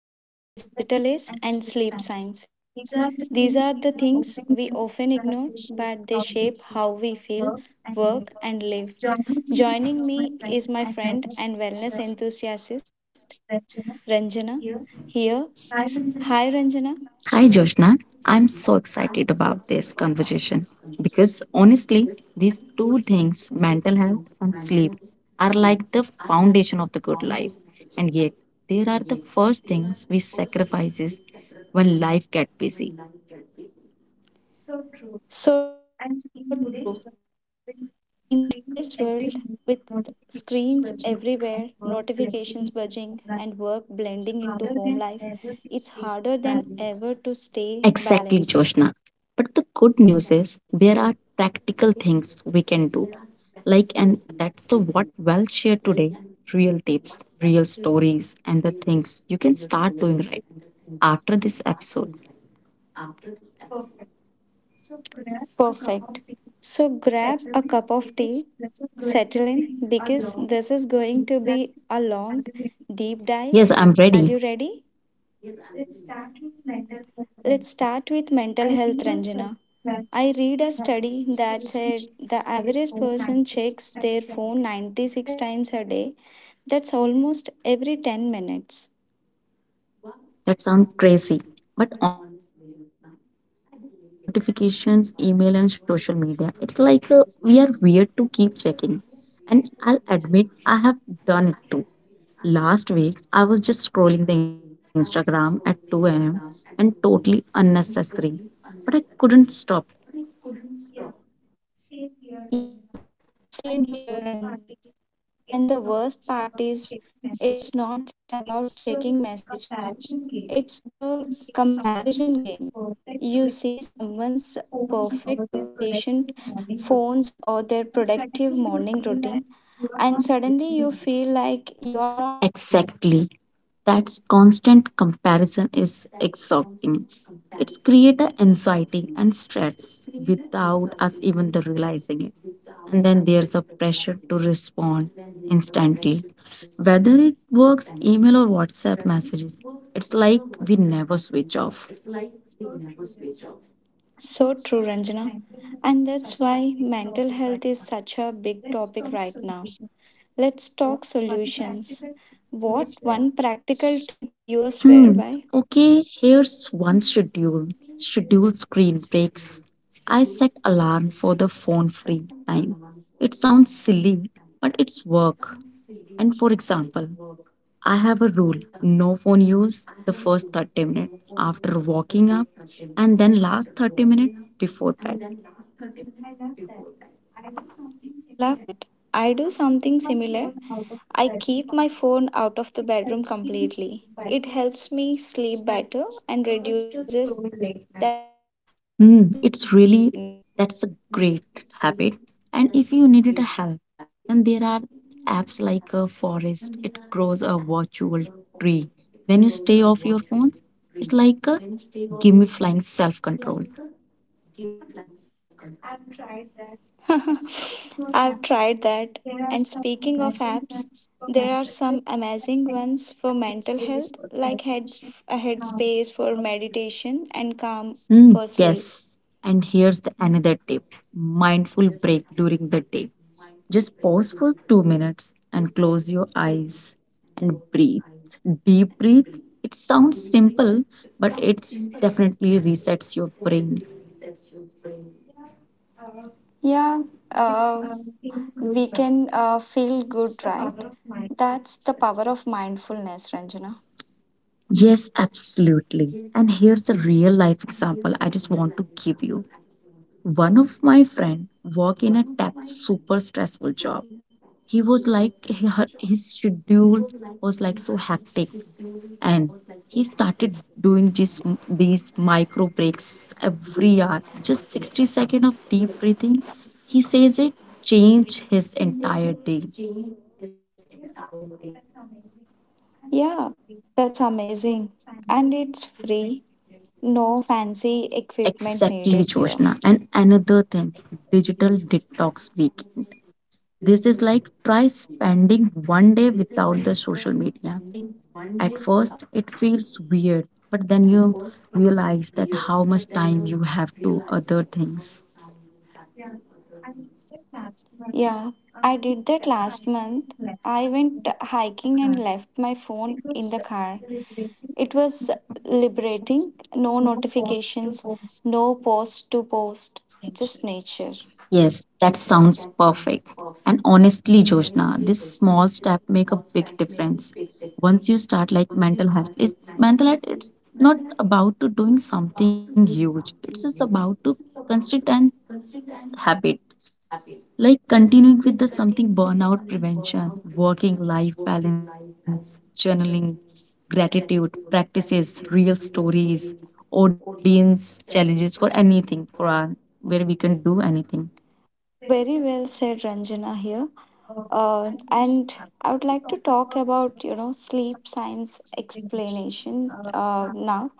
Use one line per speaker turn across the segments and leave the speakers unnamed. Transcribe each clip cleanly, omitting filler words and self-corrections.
Mental health in the digital age and sleep science. These are the things we often ignore, but they shape how we feel, work, and live. Joining me is my friend and wellness enthusiast, Ranjana. Here, hi Ranjana.
Hi, Joshna. I'm so excited about this conversation because honestly, these two things, mental health and sleep, are like the foundation of the good life. And yet, they are the first things we sacrifices when life gets busy.
So true. And in today's world, with screens everywhere, notifications buzzing, and work blending into home life, it's harder than ever to stay
Exactly, Joshna.
balanced.
But the good news is there are practical things we can do. Like, and that's the what well shared today real tips, real stories, and the things you can start doing right after this episode.
Perfect. So grab a cup of tea, settle in, because this is going to be a long, deep
Yes,
dive.
I'm
Are
ready.
you ready? Let's start with mental health, Ranjana. I read a study that said the average person checks their phone 96 times a day. That's almost every 10
Wow, that
minutes.
sounds crazy. But honestly, Joshna, I believe it. Think about it. Notifications, email, and social media. It's like we are weird to keep checking. And I'll admit, I have done it too. Last week, I was just scrolling the Instagram at 2 am and totally unnecessary. But I couldn't stop.
Yeah, same here, Ranjana. And the worst part is, it's not just about checking messages, it's the comparison game. You see someone's perfect vacation phones or their productive morning routine, and suddenly you feel like you're not doing enough.
Exactly. That constant comparison is exhausting. It's create a anxiety and stress without us even the realizing it. And then there's a pressure to respond instantly. Whether it works email or WhatsApp messages, it's like we never switch off.
So true, Ranjana. And that's why mental health is such a big topic right now. Let's talk solutions. What one practical tip you swear
Hmm.
by?
Okay, here's one schedule. Schedule screen breaks. I set alarm for the phone free time. It sounds silly, but it's work. And for example, I have a rule no phone use the first 30 minutes after waking up and then last 30 minutes before bed.
I love that. I do something similar. I keep my phone out of the bedroom completely. It helps me sleep better and reduces that urge to scroll
Mm,
late
it's
night.
really that's a great habit. And if you needed a help, then there are apps like a forest. It grows a virtual tree. When you stay off your phones, it's like a gamifying self-control.
I've tried that. And speaking of apps, there are some amazing ones for mental health, like head a headspace for meditation and calm
Mm,
for sleep.
yes. And here's the another tip: mindful break during the day. Just pause for 2 minutes and close your eyes and breathe. Deep breathe. It sounds simple, but it's definitely resets your brain.
Yeah, uh, we can feel good, right? That's the power of mindfulness, Ranjana.
Yes, absolutely. And here's a real life example I just want to give you. One of my friend work in a tech super stressful job. He was like he- her- His schedule was like so hectic and he started doing these micro breaks every hour just 60 seconds of deep breathing. He says it changed his entire day.
Yeah, that's amazing. And it's free. No fancy equipment needed here.
Exactly, Joshna. And another thing, digital detox weekend. This is like try spending one day without the social media. At first it feels weird, but then you realize that how much time you have to other things.
Yeah, I did that last month. I went hiking and left my phone in the car. It was liberating. Notifications, no post to post, just nature.
Yes, that sounds perfect. And honestly, Joshna, this small step make a big difference. Once you start like mental health is mental health, it's not about to doing something huge. It's just about to consistent habit, like continuing with the something burnout prevention, working life balance, journaling, gratitude practices, real stories, audience challenges for anything for our where we can do anything.
Very well said, Ranjana here. And I would like to talk about, you know, sleep science explanation now,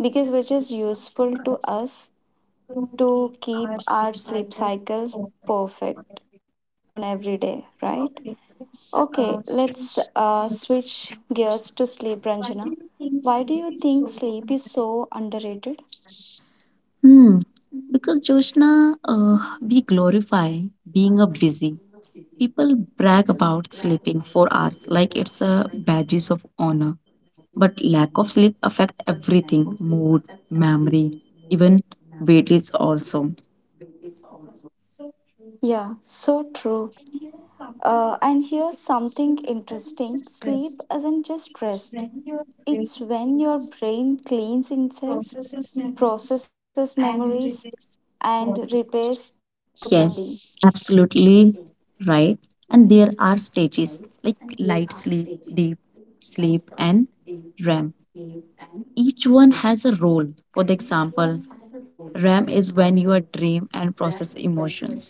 because which is useful to us to keep our sleep cycle perfect on every day, right? Okay, let's switch gears to sleep, Ranjana. Why do you think sleep is so underrated?
Hmm. Because Joshna, we glorify being a busy. People brag about sleeping 4 hours like it's a badges of honor. But lack of sleep affect everything, mood, memory, even weight is also.
Yeah, so true. And here's something interesting: sleep isn't just rest, it's when your brain cleans itself, processes memories, and repairs the body.
Yes, absolutely right. And there are stages like light sleep, deep sleep, and REM. Each one has a role. For the example, REM is when you dream and process emotions.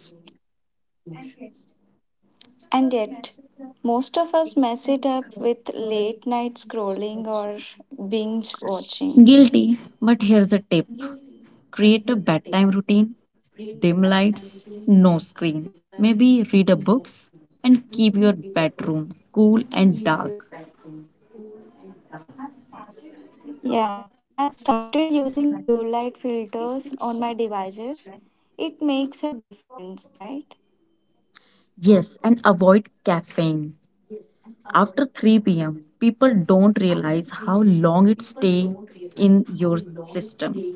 And yet, most of us mess it up with late night scrolling or binge
Guilty,
watching.
but here's a tip create a bedtime routine, dim lights, no screen. Maybe read a books and keep your bedroom cool and dark.
Yeah, I've started using blue light filters on my devices. It makes a difference, right?
Yes, and avoid caffeine. After 3 pm, people don't realize how long it stays in your system.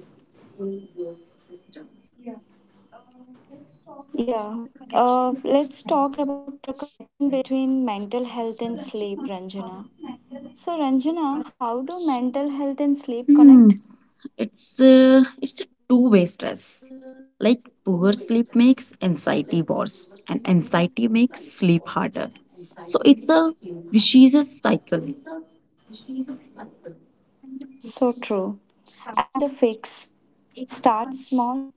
Yeah. Let's talk about the connection between mental health and sleep, Ranjana. So, Ranjana, how do mental health and sleep connect?
Hmm, it's a two-way stress. Like poor sleep makes anxiety worse, and anxiety makes sleep harder. So it's a vicious cycle.
So true. And the fix: start small.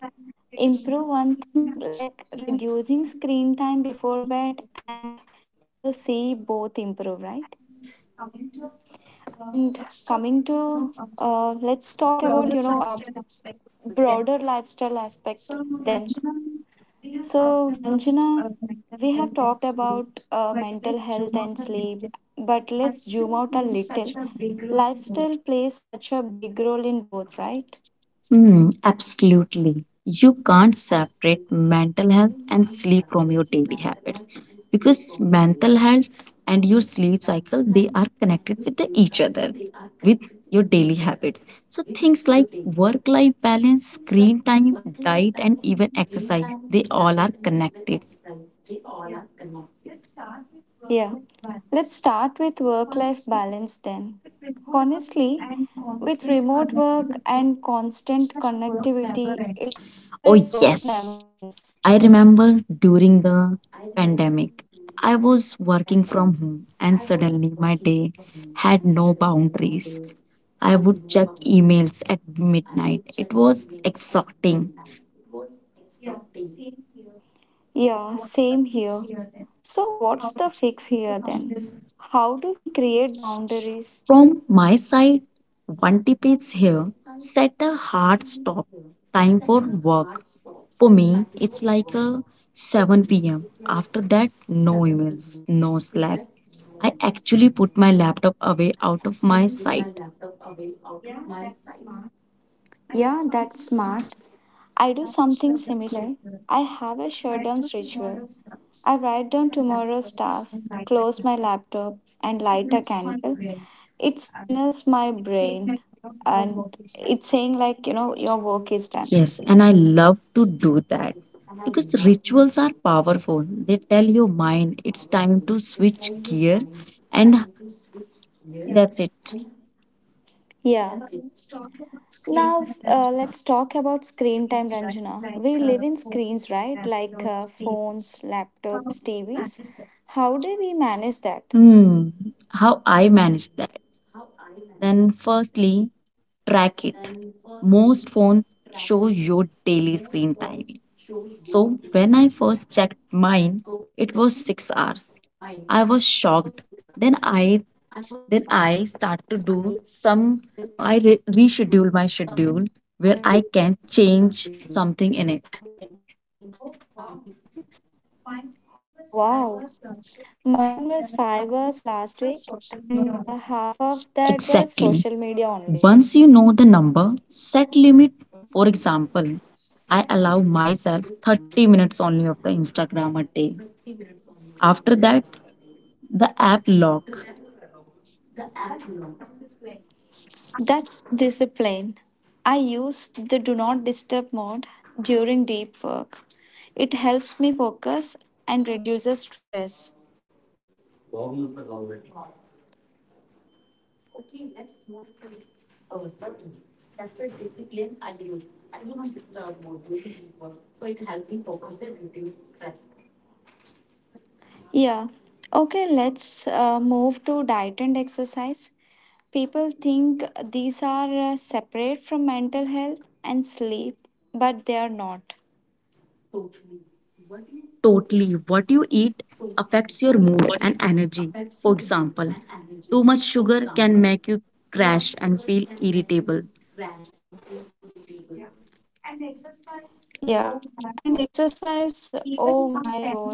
Improve one thing like reducing screen time before bed, and you'll see both improve, right? And coming to let's talk about, you know, broader lifestyle aspect then. So Ranjana, we have talked about mental health and sleep, but let's zoom out a little. Lifestyle plays such a big role in both, right?
Hmm, absolutely. You can't separate mental health and sleep from your daily habits because mental health and your sleep cycle they are connected with each other with your daily habits. So things like work life balance, screen time, diet and even exercise they all are connected.
Yeah, let's start with work life balance then. Honestly, with remote work and constant connectivity, it feels
Oh
like work
yes.
never ends.
I remember during the pandemic I was working from home and suddenly my day had no boundaries. I would check emails at midnight. It was exhausting.
Yeah, same here. So, what's the fix here then? How do we create boundaries?
From my side, one tip is here set a hard stop time for work. For me, it's like a 7 pm. After that, no emails, no Slack. I actually put my laptop away out of my sight.
Yeah, that's smart. I do something similar. I have a shutdowns ritual. I write down tomorrow's tasks, close my laptop, and light a candle. It signals my brain, and it's saying, like, you know, your work is done.
Yes, and I love to do that because rituals are powerful. They tell your mind it's time to switch gear, and yeah. That's it.
Yeah. Now, let's talk about screen time, Ranjana. We live in screens, right? Like phones, laptops, TVs. How do we manage that?
Hmm, how I manage that. Then, firstly, track it. Most phones show your daily screen timing. So, when I first checked mine, it was 6 hours. I was shocked. Then I then I start to do some I re reschedule my schedule where I can change something in it.
Oh, wow. Mine was 5 hours last week, and half of that was social media
Exactly.
only.
Once you know the number, set limit. For example, I allow myself 30 minutes only of the Instagram a day. After that, the app lock.
That's discipline. I use the do not disturb mode during deep work. It helps me focus and reduces stress. Yeah. Okay, let's move to diet and exercise. People think these are separate from mental health and sleep, but they are not.
Totally, what you eat affects your mood and energy. For example, too much sugar can make you crash and feel irritable.
Yeah. And exercise, oh my gosh,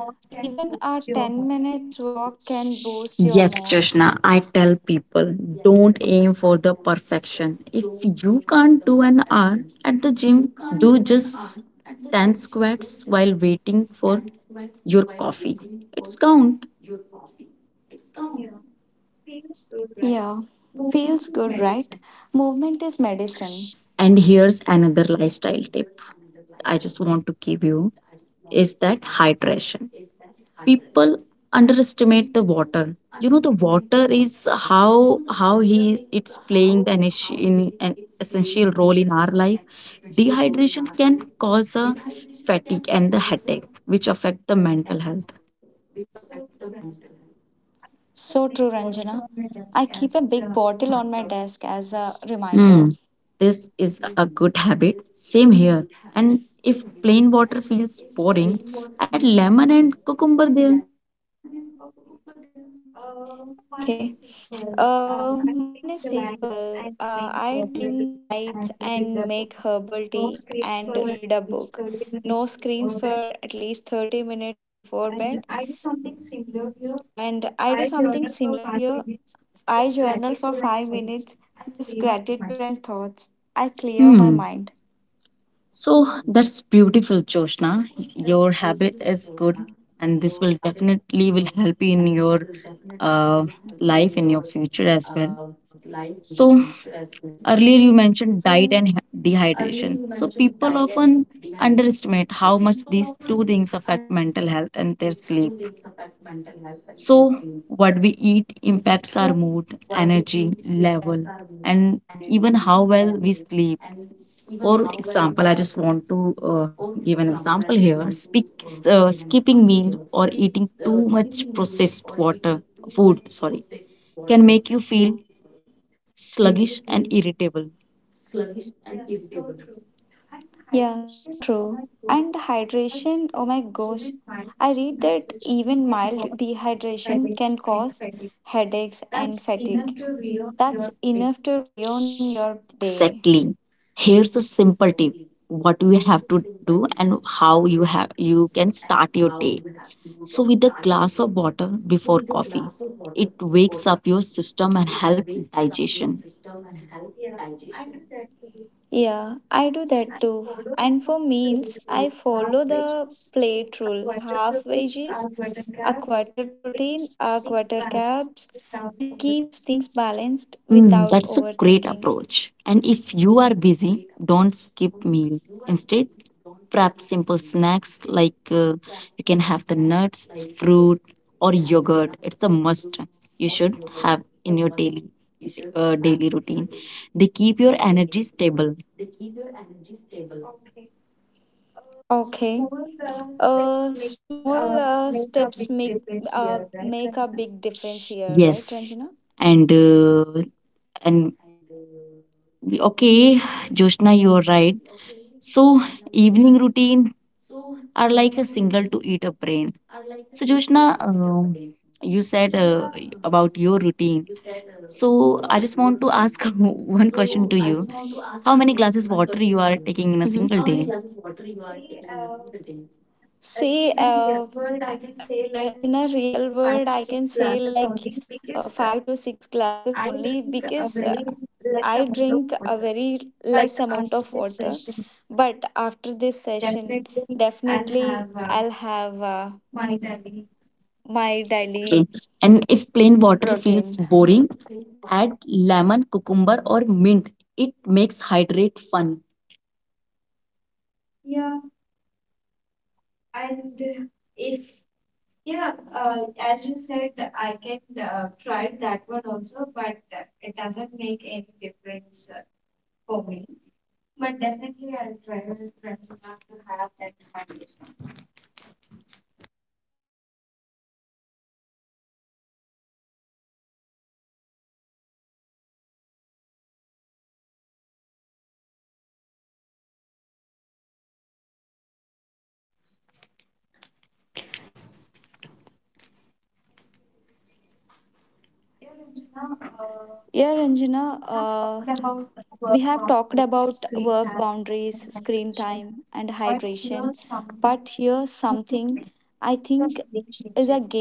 even a 10 minutes walk can boost your mood.
Yes, Krishna, I tell people don't aim for the perfection. If you can't do an hour at the gym, do just 10 squats while waiting for your coffee. It's count.
Yeah. Feels good, right? Movement is medicine.
And here's another lifestyle tip I just want to give you is that hydration. People underestimate the water. The water is how it's playing an issue, in, an essential role in our life. Dehydration can cause a fatigue and the headache which affect the mental health.
So true, Ranjana. I keep a big bottle on my desk as a
Hmm,
reminder.
this is a good habit, same here. And if plain water feels boring, add lemon and cucumber there.
Okay. Mine is simple. I dim the lights and make herbal tea and read a book. No screens for at least 30 minutes before bed. And I do something similar here. I journal for 5 minutes, just gratitude and thoughts. I clear my mind.
Hmm, so that's beautiful, Joshna. Your habit is good, and this will definitely will help you in your uh, life in your future as well. So earlier you mentioned diet and dehydration. So people often underestimate how much these two things affect mental health and their sleep. So what we eat impacts our mood, energy level, and even how well we sleep. For example, I just want to give an example here. Speak, skipping meal or eating too much processed water food, sorry, can make you feel sluggish and irritable.
Yeah, so true. And hydration, oh my gosh. I read that even mild dehydration can cause headaches and fatigue. That's enough to ruin your day.
Exactly. Here's a simple tip: what you have to do and how you can start your day. So, with a glass of water before coffee, it wakes up your system and help digestion.
Yeah, I do that too. And for meals, I follow the plate rule: half veggies, a quarter protein, a quarter carbs. It keeps things balanced
Hmm,
without
that's a great
overthinking.
approach. And if you are busy, don't skip meal. Instead, prep simple snacks like you can have the nuts, fruit, or yogurt. It's a must you should have in your daily routine. They keep your energy stable.
Okay. Small steps make a big difference here,
Yes,
right, Ranjana?
and uh, and okay, Joshna, you're right. So evening routine are like a single to eat a brain. So, Joshna, um, you said about your routine. So, I just want to ask one question to you. How many glasses water you are taking in a
Hmm.
single day?
See, in a real world, I can say like five to six glasses only because I drink a very less amount of water, but after this session, definitely I'll have my
Okay.
daily
And if plain water feels
routine.
boring, add lemon, cucumber, or mint. It makes hydrate fun.
Yeah, Ranjana, we have talked about work boundaries, screen time, and hydration, but here's something I think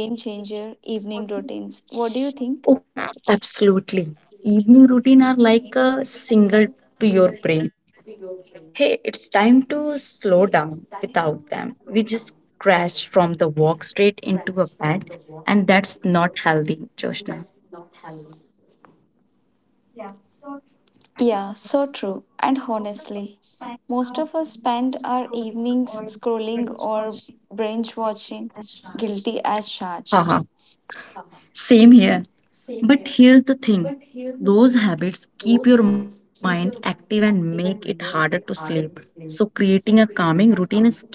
is a game changer: evening routines. What do you
Oh,
think?
absolutely. Evening routine are like a single to your brain. Hey, it's time to slow down without them. We just crash from the walk straight into a bed, and that's not healthy, Joshna.
Yeah, so true. And honestly, most of us spend our evenings scrolling or binge, guilty as charged.
Haha. Same here. But here's the thing those habits keep your mind active and make it harder to sleep. So, creating a calming routine is key.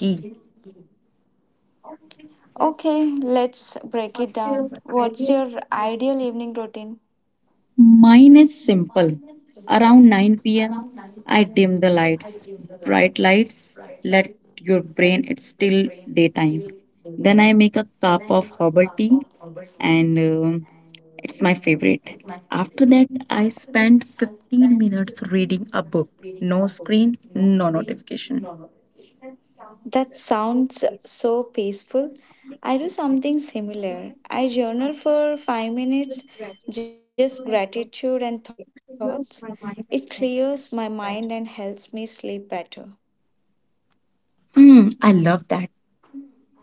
Okay, let's break it down. What's your ideal evening routine?
Mine is simple. Around 9 pm, I dim the lights, bright lights, let your brain, it's still daytime. Then I make a cup of herbal tea, and it's my favorite. After that, I spend 15 minutes reading a book. No screen, no notification.
That sounds so peaceful. I do something similar. I journal for 5 minutes, just gratitude and thoughts. It clears my mind and helps me sleep better.
Hmm, I love that.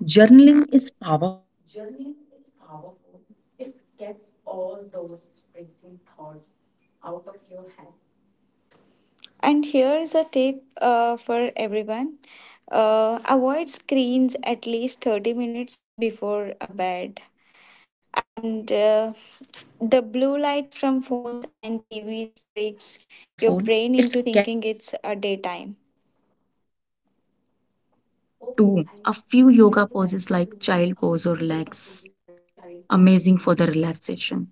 Journaling is powerful. It gets all those racing thoughts out of your head.
And here is a tip for everyone: avoid screens at least 30 minutes before a bed. And the blue lights from phones and TVs tricks your brain into thinking it's a daytime.
Oh, I do that too. A few yoga poses like child pose or legs. Amazing for the relaxation.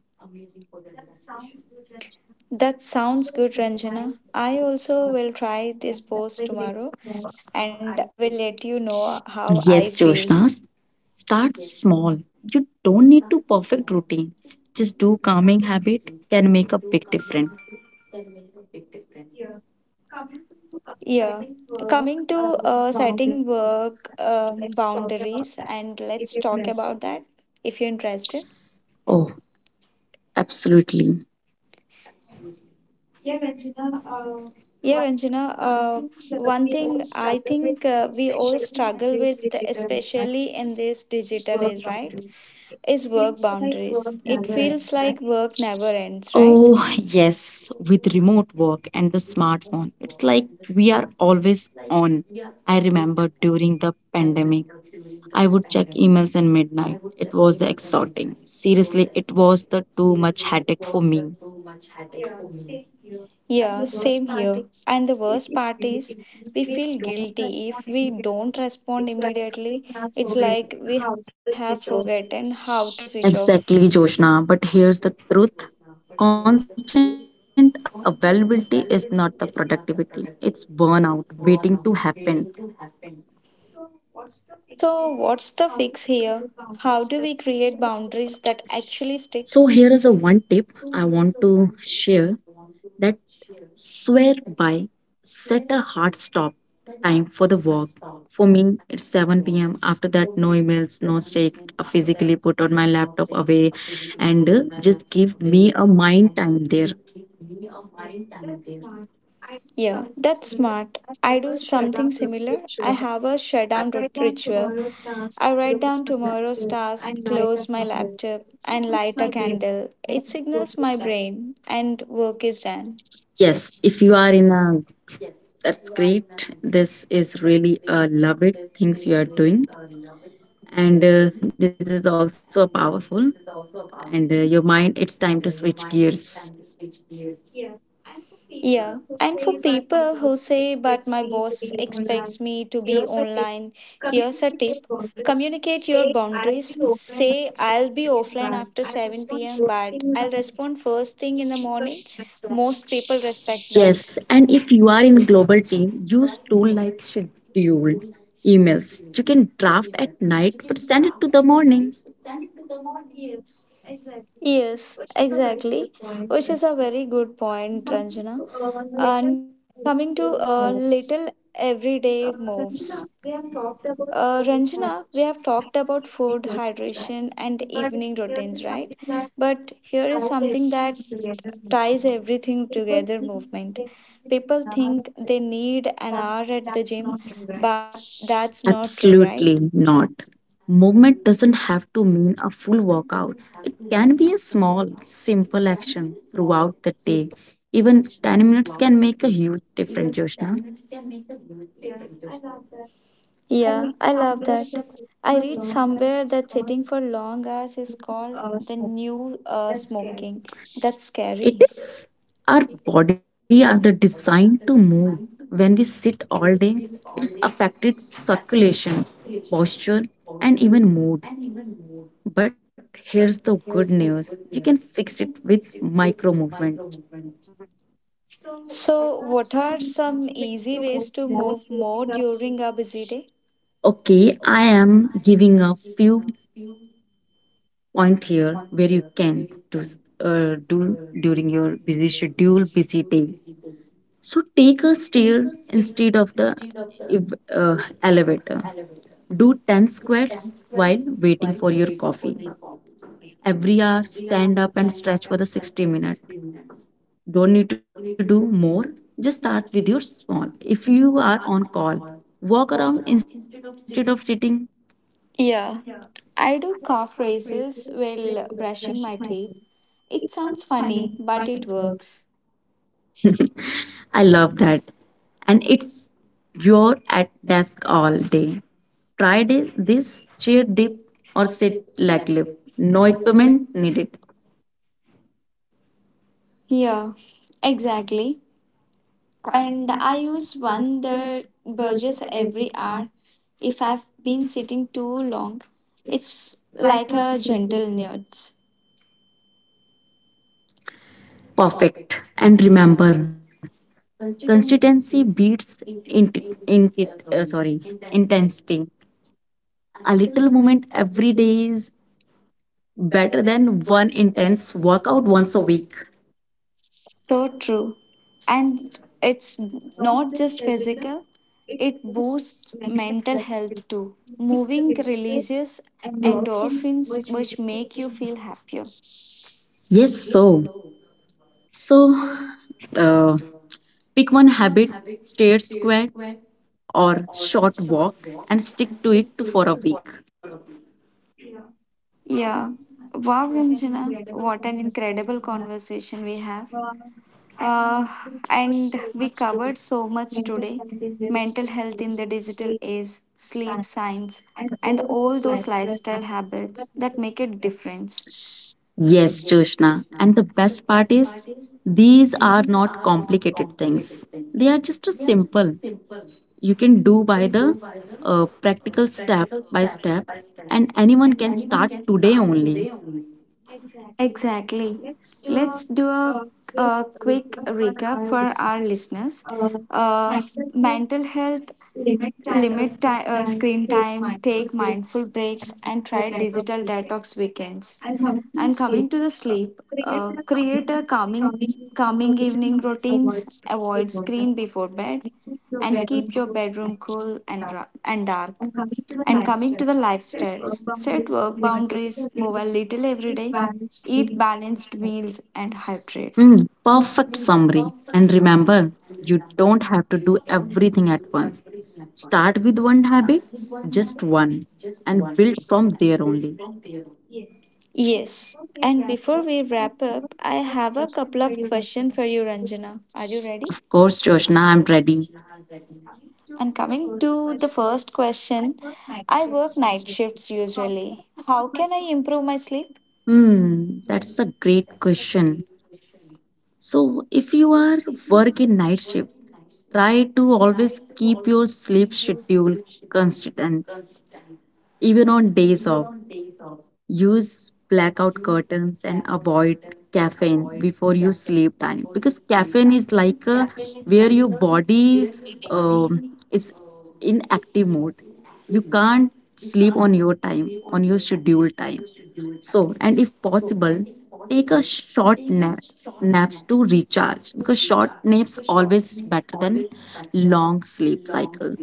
That sounds good, Ranjana. I also will try this pose tomorrow and will let you know how I
Yes,
feel.
Joshna, start small. You don't need to perfect routine. Just do calming habit can make a big difference.
Yeah. Coming to setting work boundaries, and let's talk about that if you're interested.
Oh, absolutely.
Yeah, Ranjana, one thing I think we all struggle with, especially in this digital age, right? Is work boundaries. It feels like work never ends, right?
Oh, yes, with remote work and the smartphone, it's like we are always on. I remember during the pandemic. I would check emails at midnight. It was the exhausting. Seriously, it was the too much headache for me.
Yeah, same here. And the worst part is, we feel guilty if we don't respond immediately. It's like we have forgotten how to switch
Exactly,
off.
Joshna. But here's the truth. Constant availability is not the productivity. It's burnout waiting to happen.
So, what's the fix here? How do we create boundaries that actually
So here
stick?
is a one tip I want to share that swear by set a hard stop time for the walk. For me it's 7 p.m. After that no emails, no stake. I physically put on my laptop away and just give me a mind time there.
Yeah, that's smart. I do something similar. I have a shutdown ritual. I write down tomorrow's task, close my laptop, and light a candle. It signals my brain, and work is done.
Yes, if you are in a that's great, this is really a love it things you are doing, and this is also a powerful, and your mind it's time to switch gears.
Yeah, and for people who say, but my boss expects me to be online, here's a tip: communicate your boundaries. Say, I'll be offline after 7 p.m., but I'll respond first thing in the morning. Most people respect that.
Yes, and if you are in global team, use tool like scheduled emails. You can draft at night but send it to the morning.
Yes, exactly, which is a very good point, Ranjana. And coming to little everyday moves. Ranjana, we have talked about food, hydration, evening routines, right? But here is something that ties everything together: movement. People think they need an hour at the gym, but that's not true, right?
Absolutely not. Movement doesn't have to mean a full workout. It can be a small, simple action throughout the day. Even 10 minutes can make a huge difference, Joshna.
Yeah, I love that. I read somewhere that sitting for long hours is called the new smoking. That's
It
scary.
is. Our body are the designed to move. When we sit all day, it's affected circulation, posture, and even mood. But here's the good news. You can fix it with micro movement.
So, what are some easy ways to move more during a busy day?
Okay, I am giving a few point here where you can do, do during your busy schedule, busy day. So take a stair instead of the ev- uh, elevator. Do 10 squats while waiting for your coffee. Every hour, stand up and stretch for the 60 minutes. Don't need to do more. Just start with your small. If you are on call, walk around instead of sitting.
Yeah, I do calf raises while brushing my teeth. It sounds funny, but it works.
I love that. And it's you're at desk all day. Try this chair dip or sit leg lift. No equipment needed.
Yeah, exactly. And I use one that burges every hour. If I've been sitting too long, it's like a gentle nudge.
Perfect. And remember, consistency beats sorry, intensity. A little movement every day is better than one intense workout once a week.
So true. And it's not just physical, it boosts mental health too. Moving releases endorphins, which make you feel happier.
Yes, so. So, uh, pick one habit, stair squat or short walk, and stick to it to- for a week.
Yeah. Wow, Ranjana, what an incredible conversation we have. Uh, and we covered so much today: mental health in the digital age, sleep science, and all those lifestyle habits that make a difference.
Yes, Joshna. And the best part is, these are not complicated things. They are just a simple. You can do by the practical step by step, and anyone can start today only.
Exactly. Let's do a quick recap for our listeners. Uh, mental health, limit screen time, take mindful breaks, and try digital detox weekends. And coming to the sleep, create a calming evening routines, avoid screen before bed, and keep your bedroom cool and dark. And coming to the lifestyles, set work boundaries, move a little every day, eat balanced meals, and hydrate.
Hmm, perfect summary, and remember you don't have to do everything at once. Start with one habit, just one, and build from there only.
Yes. And before we wrap up, I have a couple of questions for you, Ranjana. Are you
Of
ready?
course, Joshna, I'm ready.
And coming to the first question, I work night shifts usually. How can I improve my sleep?
Hmm, that's a great question. So if you are working night shift, try to always keep your sleep schedule consistent, even on days off. Use blackout curtains and avoid caffeine before you sleep time, because caffeine is like a, where your body um, is in active mode. You can't sleep on your time, on your scheduled time. So, and if possible, take a short nap, naps to recharge, because short naps always is better than long sleep cycle.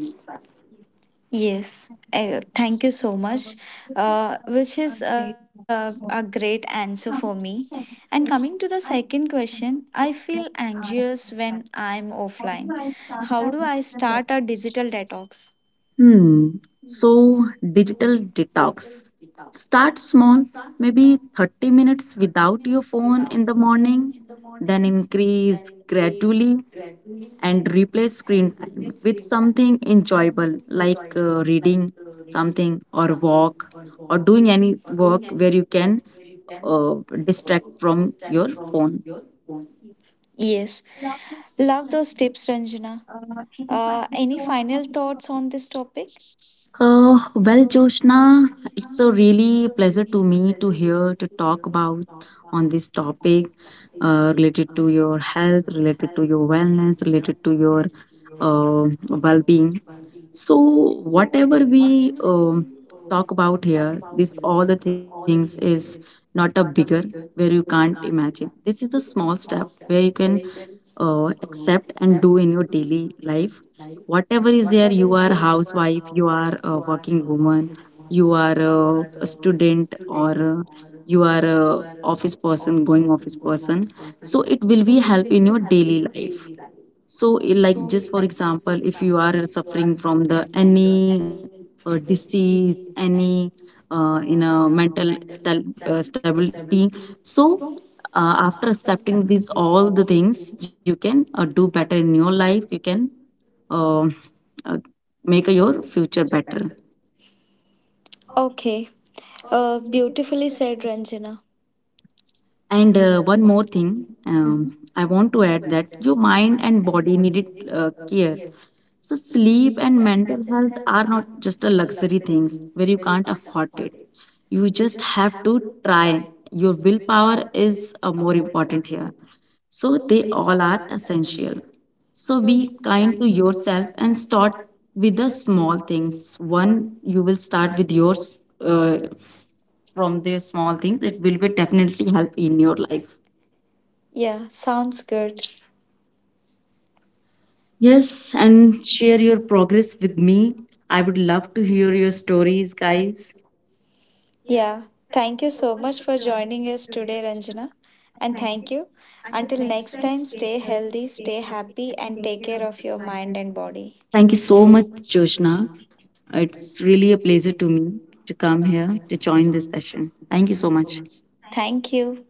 Yes, thank you so much, which is a great answer for me. And coming to the second question, I feel anxious when I'm offline. How do I start a digital detox?
Hmm. So, digital detox. Start small, maybe 30 minutes without your phone in the morning, then increase gradually, and replace screen time with something enjoyable like reading something or walk or doing any work where you can uh, distract from your phone.
Yes, love those tips, Ranjana. Any final thoughts on this topic?
Well, Joshna, it's a really pleasure to me to hear to talk about on this topic, related to your health, related to your wellness, related to your well-being. So, whatever we talk about here, this all the things is not a bigger where you can't imagine. This is a small step where you can accept and do in your daily life, whatever is there. You are housewife, you are a working woman, you are a student, or you are a office person, going office person. So it will be help in your daily life. So, like just for example, if you are suffering from the any disease, any in a mental stability, so after accepting these all the things, you can do better in your life. You can uh, uh, make your future better.
Okay, beautifully said, Ranjana.
And
And uh,
one more
one more
thing,
thing. Mhm.
I
I
want to
want to
add
add
that
that
your
your
mind
mind
and
and
body
body
needed
need
care.
care.
So sleep and mental health are not just a luxury things where you can't afford it. You just have to try. Your willpower is more important here. So they all are essential. So be kind to yourself and start with the small things. One, you will start with yours from the small things. It will be definitely help in your life.
Yeah, sounds good.
Yes, and share your progress with me. I would love to hear your stories, guys.
Yeah, thank you so much for joining us today, Ranjana. And thank you. Until next time, stay healthy, stay happy, and take care of your mind and body.
Thank you so much, Joshna. It's really a pleasure to me to come here to join this session. Thank you so much.
Thank you.